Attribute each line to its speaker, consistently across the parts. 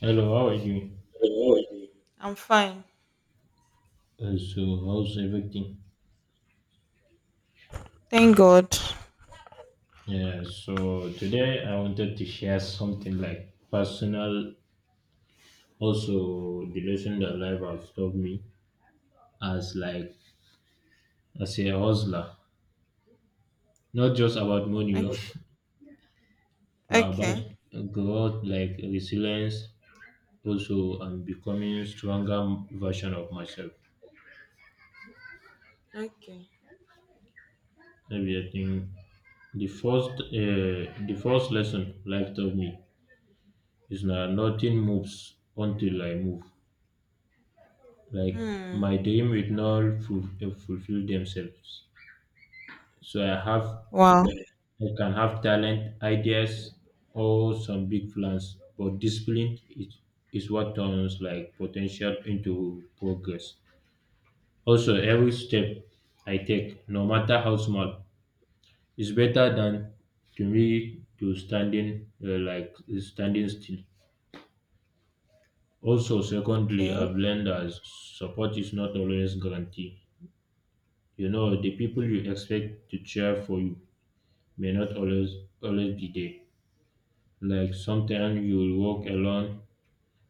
Speaker 1: Hello, how are you?
Speaker 2: I'm fine.
Speaker 1: How's everything?
Speaker 2: Thank God.
Speaker 1: Yeah, so today I wanted to share something like personal, also the lesson that life has taught me as like as a hustler, not just about money, oh,
Speaker 2: Okay.
Speaker 1: but about
Speaker 2: Okay.
Speaker 1: growth, like resilience, also and becoming stronger version of myself.
Speaker 2: Okay.
Speaker 1: Maybe I think the first lesson life taught me is that nothing moves until I move. Like
Speaker 2: Hmm.
Speaker 1: my dream will not fulfill themselves. So I have,
Speaker 2: Wow.
Speaker 1: I can have talent, ideas, or some big plans, but is what turns like potential into progress. Also, every step I take, no matter how small, is better than to me to standing like standing still. Also, secondly,
Speaker 2: Okay.
Speaker 1: I've learned that support is not always guaranteed. You know, the people you expect to cheer for you may not always be there. Like sometimes you'll walk alone,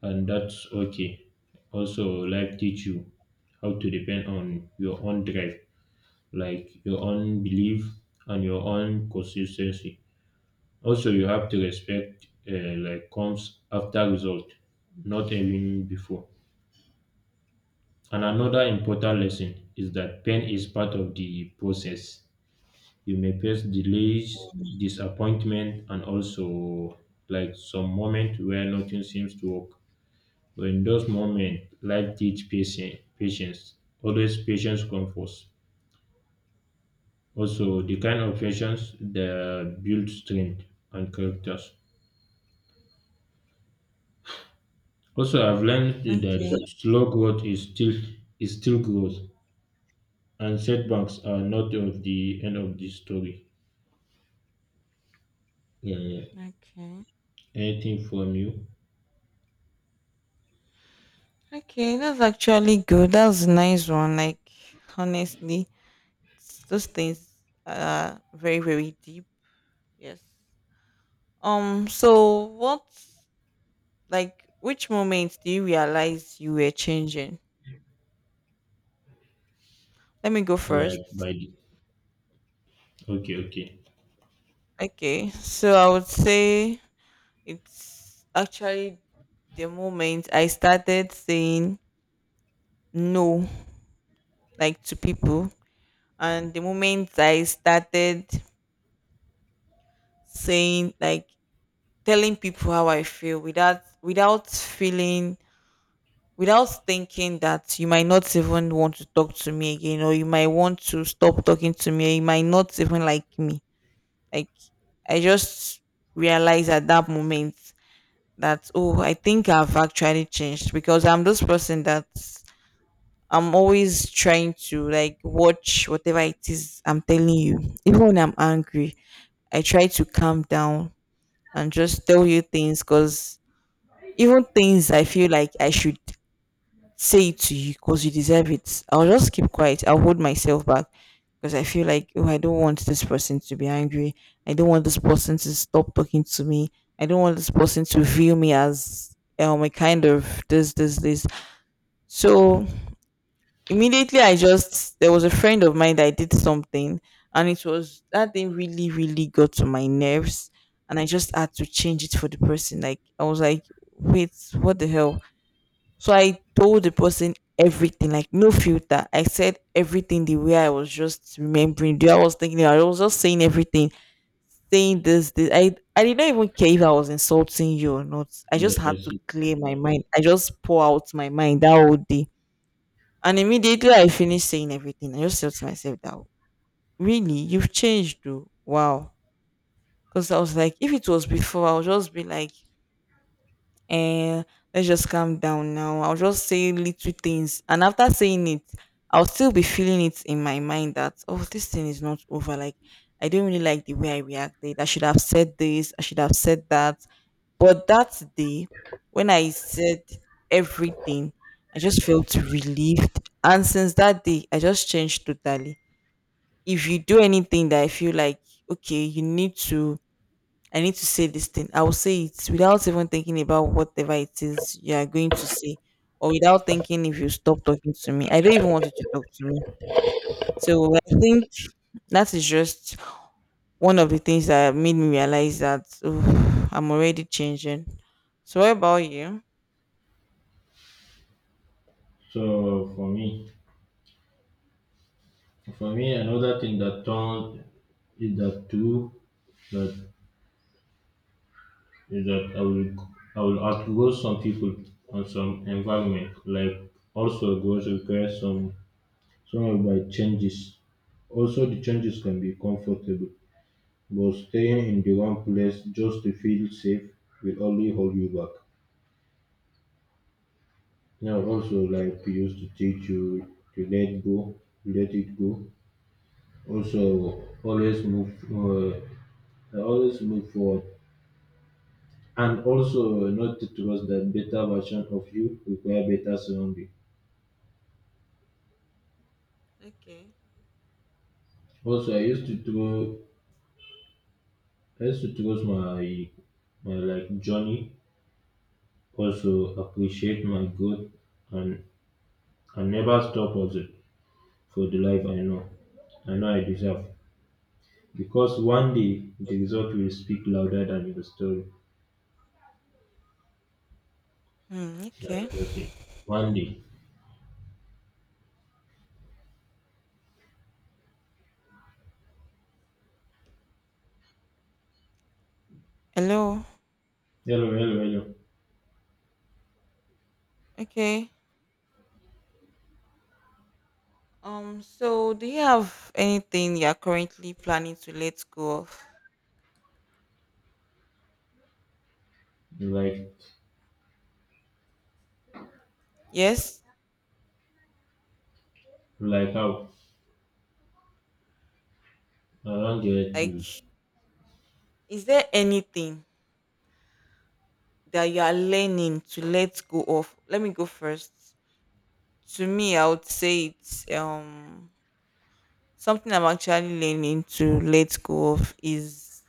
Speaker 1: and that's okay. Also life teach you how to depend on your own drive, like your own belief and your own consistency. Also you have to respect like comes after result, not even before. And another important lesson is that pain is part of the process. You may face delays,
Speaker 2: Hmm.
Speaker 1: disappointment, and also like some moment where nothing seems to work. But in those moments, life teach patience. Patience always patience comes first. Also, the kind of patience that build strength and characters. Also, I've learned
Speaker 2: Okay.
Speaker 1: that slow growth is still growth, and setbacks are not of the end of the story. Yeah, yeah.
Speaker 2: Okay.
Speaker 1: Anything from you?
Speaker 2: Okay. That's actually good. That's a nice one. Like honestly, those things are very deep. Yes. So what? Like which moments do you realize you were changing? Let me go
Speaker 1: Like
Speaker 2: first.
Speaker 1: by the, okay, okay.
Speaker 2: Okay. So I would say it's actually the moment I started saying no, like to people, and the moment I started saying like telling people how I feel without feeling without thinking that you might not even want to talk to me again, or you might want to stop talking to me, or you might not even like me. Like I just realized at that moment that oh, I think I've actually changed because I'm this person that I'm always trying to like watch whatever it is I'm telling you. Even when I'm angry, I try to calm down and just tell you things because even things I feel like I should say it to you because you deserve it, I'll just keep quiet. I'll hold myself back because I feel like, oh, I don't want this person to be angry. I don't want this person to stop talking to me. I don't want this person to view me as a kind of this, this, this. So immediately, I just there was a friend of mine that I did something, and it was that thing really, really got to my nerves, and I just had to change it for the person. Like I was like, wait, what the hell? So I told the person everything, like no filter. I said everything the way I was just remembering, the way I was thinking, I was just saying everything, saying this, this. I didn't even care if I was insulting you or not. I
Speaker 1: Yeah,
Speaker 2: just had
Speaker 1: that's
Speaker 2: to
Speaker 1: it.
Speaker 2: clear my mind. I just pour out my mind that whole day, and immediately I finished saying everything, I just thought to myself that really you've changed though. Wow. Because I was like, if it was before, I'll just be like, eh, let's just calm down now. I'll just say little things. And after saying it, I'll still be feeling it in my mind that, oh, this thing is not over. Like, I don't really like the way I reacted. I should have said this. I should have said that. But that day, when I said everything, I just felt relieved. And since that day, I just changed totally. If you do anything that I feel like, okay, you need to, I need to say this thing, I will say it without even thinking about whatever it is you are going to say, or without thinking if you stop talking to me. I don't even want you to talk to me. So I think that is just one of the things that made me realize that oh, I'm already changing. So, what about you?
Speaker 1: So for me, another thing that turned is that too that is that I will outgrow some people and some environment. Like also goes require some of my changes. Also the changes can be comfortable, but staying in the one place just to feel safe will only hold you back. Now also
Speaker 2: O
Speaker 1: like we used to teach you to let go, let it go. Also always move I always look forward, and also not to trust that better version of you require better surrounding.
Speaker 2: okay.
Speaker 1: Also, I used to trust my like journey. Also appreciate my growth, and never stop also for the life I know, I know I deserve. Because one day the result will speak louder than your story.
Speaker 2: Hmm,
Speaker 1: Yeah,
Speaker 2: okay.
Speaker 1: that's it. One day.
Speaker 2: Hello.
Speaker 1: Hello, hello,
Speaker 2: Okay. So do you have anything you are currently planning to let go of?
Speaker 1: hello.
Speaker 2: Yes?
Speaker 1: Like how? I don't get you.
Speaker 2: Like, is there anything that you are learning to let go of? Let me go first. To me, I would say it's something I'm actually learning to let go of is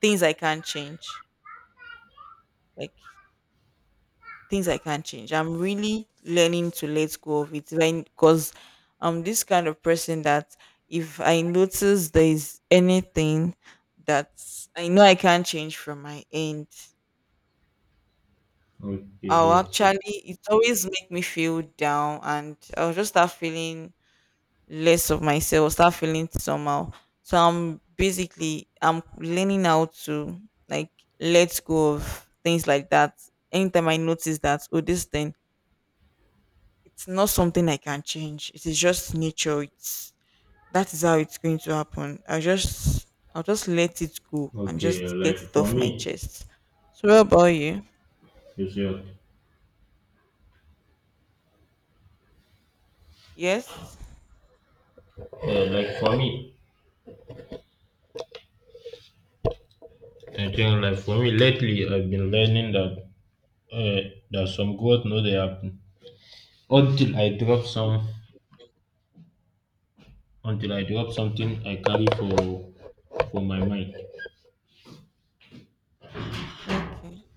Speaker 2: things I can't change. Like things I can't change. I'm really learning to let go of it when because I'm this kind of person that if I notice there is anything that I know I can't change from my end,
Speaker 1: Okay,
Speaker 2: I'll
Speaker 1: yes, yes.
Speaker 2: actually it always make me feel down and I'll just start feeling less of myself, start feeling somehow. So I'm basically I'm learning how to like let go of things like that. Anytime I notice that, oh this thing, it's not something I can change. It is just nature. It's that is how it's going to happen. I'll just let it go and
Speaker 1: Okay,
Speaker 2: just get
Speaker 1: like
Speaker 2: it
Speaker 1: for
Speaker 2: off my
Speaker 1: me,
Speaker 2: chest. So what about you?
Speaker 1: you see,
Speaker 2: Yes?
Speaker 1: like for me, I think like for me lately, I've been learning that that some growth no they happen until I drop some until I drop something I carry for my mind.
Speaker 2: Okay.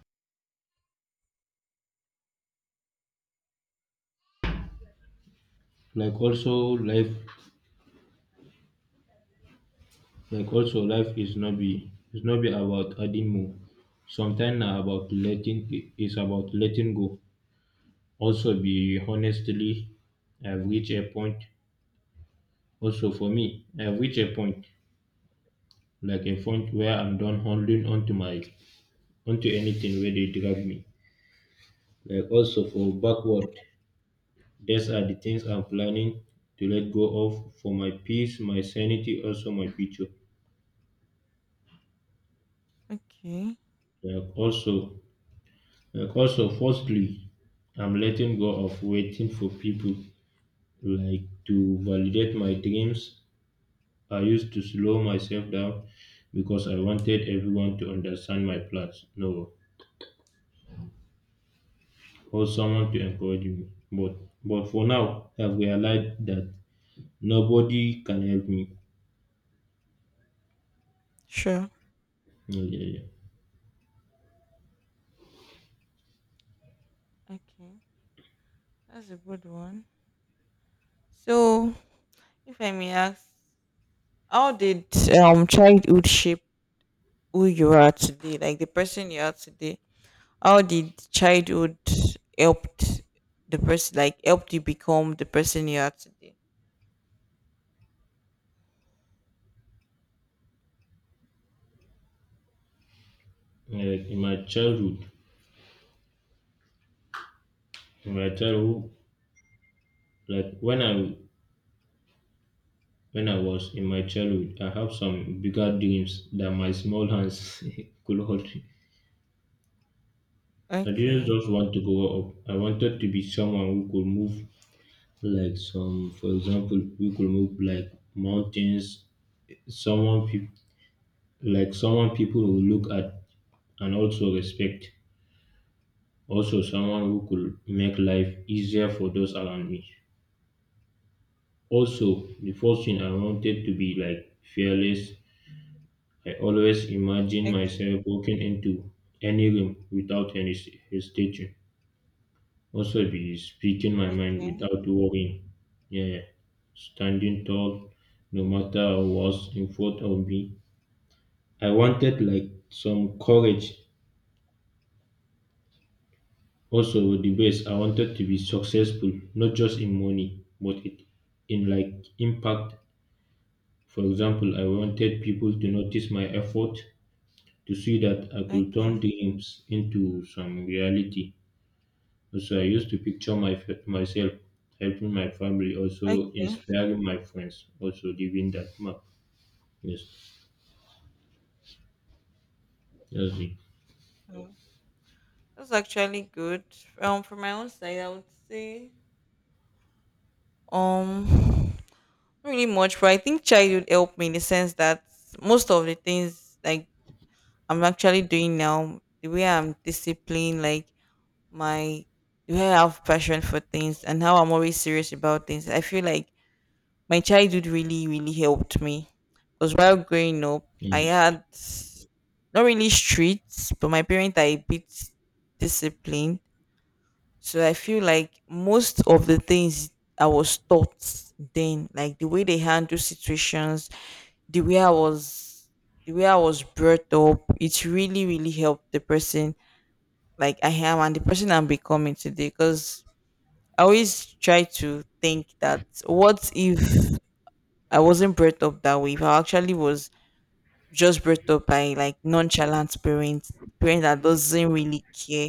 Speaker 1: Like also life, is not be about adding more. Sometimes na about is about letting go. Also be honestly, I've reached a point. Also for me, I've reached a point like a point where I'm done holding onto anything where they drag me. Like also for backward, these are the things I'm planning to let go of for my peace, my sanity, also my future.
Speaker 2: Okay.
Speaker 1: Like also like also firstly, I'm letting go of waiting for people like to validate my dreams. I used to slow myself down because I wanted everyone to understand my plans. No, or someone to encourage me. But but for now, I've realized that nobody can help me.
Speaker 2: Sure.
Speaker 1: Yeah, yeah, yeah.
Speaker 2: Okay. That's a good one. So if I may ask, how did childhood shape who you are today? Like the person you are today. How did childhood helped the person, like helped you become the person you are today?
Speaker 1: Like in my childhood, in my childhood, like when I was in my childhood, I have some bigger dreams that my small hands could hold. I didn't
Speaker 2: Okay.
Speaker 1: just want to grow up. I wanted to be someone who could move like some, for example, who could move like mountains. Someone people Like someone people will look at and also respect, also someone who could make life easier for those around me. Also, the first thing I wanted to be like fearless. I always imagine
Speaker 2: Okay.
Speaker 1: myself walking into any room without hesitation. Also, be speaking my mind
Speaker 2: Okay.
Speaker 1: without worrying. Yeah, standing tall, no matter what's in front of me. I wanted like some courage. Also with the bass I wanted to be successful, not just in money but it in like impact. For example, I wanted people to notice my effort, to see that I could turn
Speaker 2: Okay,
Speaker 1: dreams into some reality. Also I used to picture myself helping my family, also
Speaker 2: okay.
Speaker 1: inspiring my friends, also giving that map. Yes. Yes,
Speaker 2: Mm, that's actually good. From my own side, I would say um, not really much, but I think childhood helped me in the sense that most of the things like I'm actually doing now, the way I'm disciplined, like my the way I have passion for things, and how I'm always serious about things. I feel like my childhood really, really helped me because while growing up, I
Speaker 1: yes.
Speaker 2: had not really streets, but my parents are a bit disciplined. So I feel like most of the things I was taught then, like the way they handle situations, the way I was the way I was brought up, it really, really helped the person like I am and the person I'm becoming today. Because I always try to think that what if I wasn't brought up that way? If I actually was just brought up by like nonchalant parents, parents that doesn't really care,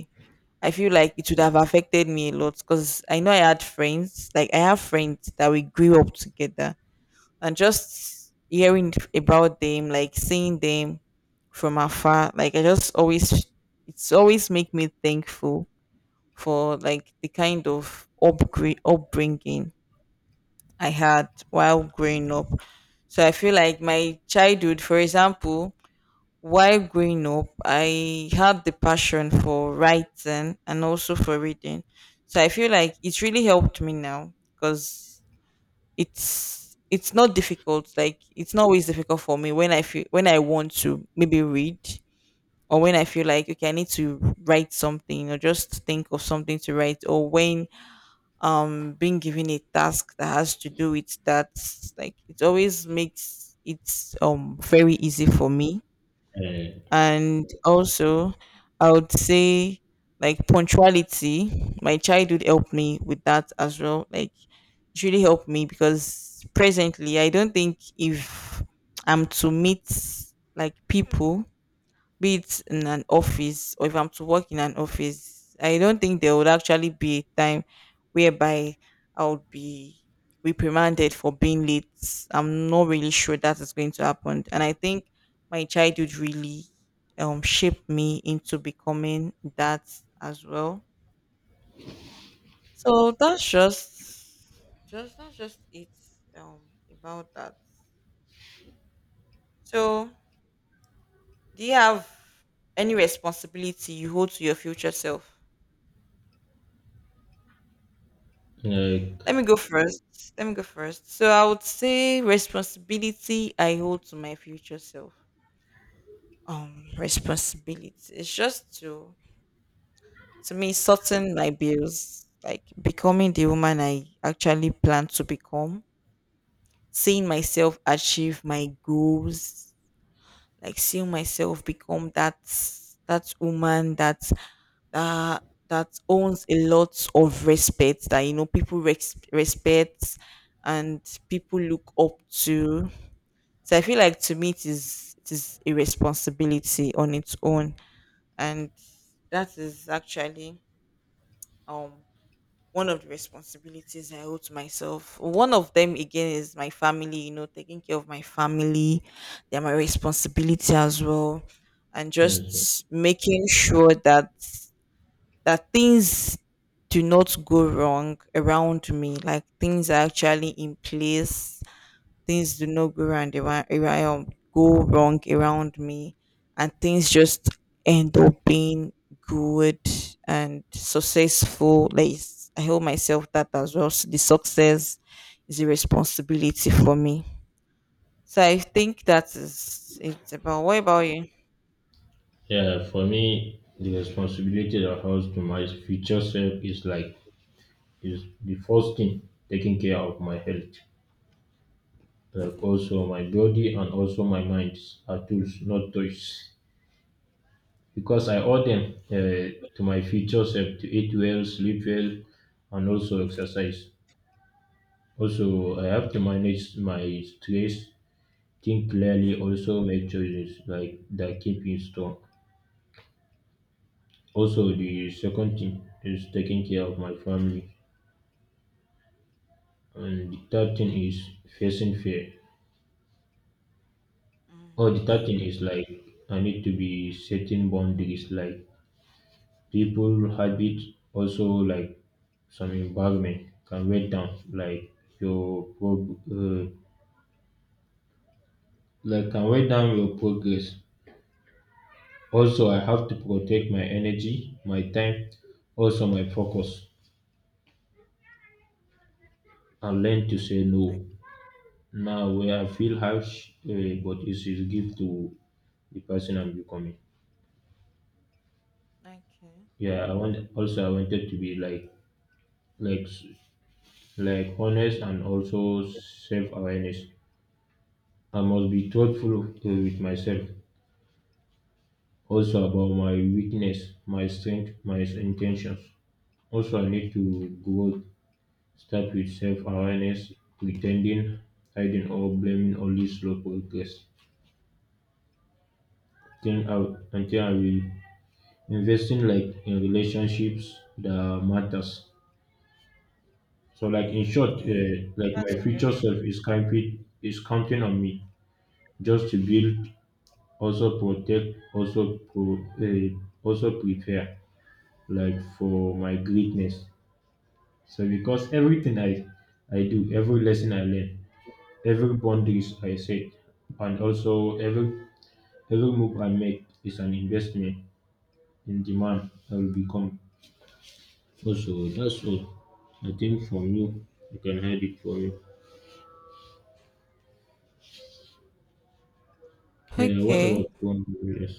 Speaker 2: I feel like it would have affected me a lot because I know I had friends, like I have friends that we grew up together, and just hearing about them, like seeing them from afar, like I just always, it's always make me thankful for like the kind of upgrade, upbringing I had while growing up. So I feel like my childhood, for example, while growing up, I had the passion for writing and also for reading. So I feel like it's really helped me now because it's not difficult. Like it's not always difficult for me when I feel when I want to maybe read or when I feel like okay I need to write something or just think of something to write, or when being given a task that has to do with that, like it always makes it very easy for me.
Speaker 1: Uh,
Speaker 2: And also I would say like punctuality, my childhood helped me with that as well. Like it really helped me because presently I don't think if I'm to meet like people, be it in an office or if I'm to work in an office, I don't think there would actually be a time whereby I would be reprimanded for being late. I'm not really sure that is going to happen. And I think my childhood really shaped me into becoming that as well. So that's just that's just it um about that. So do you have any responsibility you hold to your future self?
Speaker 1: like
Speaker 2: Let me go first. Let me go first. So I would say responsibility I hold to my future self. Responsibility. It's just to me sorting my bills, like becoming the woman I actually plan to become, seeing myself achieve my goals, like seeing myself become that that woman that that that owns a lot of respect that you know people res- respect and people look up to. So I feel like to me it is a responsibility on its own. And that is actually um one of the responsibilities I owe to myself. One of them again is my family, you know, taking care of my family. They're my responsibility as well. And
Speaker 1: yes.
Speaker 2: just making sure that that things do not go wrong around me. Like things are actually in place. Things do not go wrong around me, and things just end up being good and successful. Like it's- I hold myself that as well. So the success is a responsibility for me. So I think that is it's about. What about you?
Speaker 1: Yeah, for me, the responsibility that falls to my future self is like is the first thing taking care of my health. Like also my body and also my mind are tools, not toys. Because I owe them to my future self to eat well, sleep well, and also exercise. Also, I have to manage my stress, think clearly, also make choices like that keep me strong. Also, the second thing is taking care of my family, and the third thing is facing fear.
Speaker 2: Mm,
Speaker 1: Oh, the third
Speaker 2: okay.
Speaker 1: thing is like I need to be setting boundaries, like people, habit, also like some environment can weigh down like your like can weigh down your progress. Also, I have to protect my energy, my time, also my focus, and learn to say
Speaker 2: I,
Speaker 1: no. Now, where I feel harsh, but it's a gift to the person I'm becoming.
Speaker 2: okay.
Speaker 1: Yeah, I wanted to be like like honest and also self-awareness. I must be thoughtful with myself, also about my weakness, my strength, my intentions. Also, I need to grow. Start with self-awareness. Pretending, hiding, or blaming only slow progress. Then until I will invest in like in relationships that matters. So, like in
Speaker 2: Mm,
Speaker 1: short,
Speaker 2: okay.
Speaker 1: uh, like my
Speaker 2: That's
Speaker 1: future self is counting on me just to build, also protect, also prepare like for my greatness. So because everything I do, every lesson I learn, every boundaries I set, and also every move I make is an investment in the man I will become. Also that's all. I think from you, you can hide it from me. Yeah, what about
Speaker 2: okay.
Speaker 1: boundaries?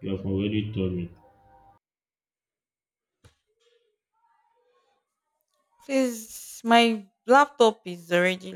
Speaker 1: You have already told me.
Speaker 2: Please, my laptop is already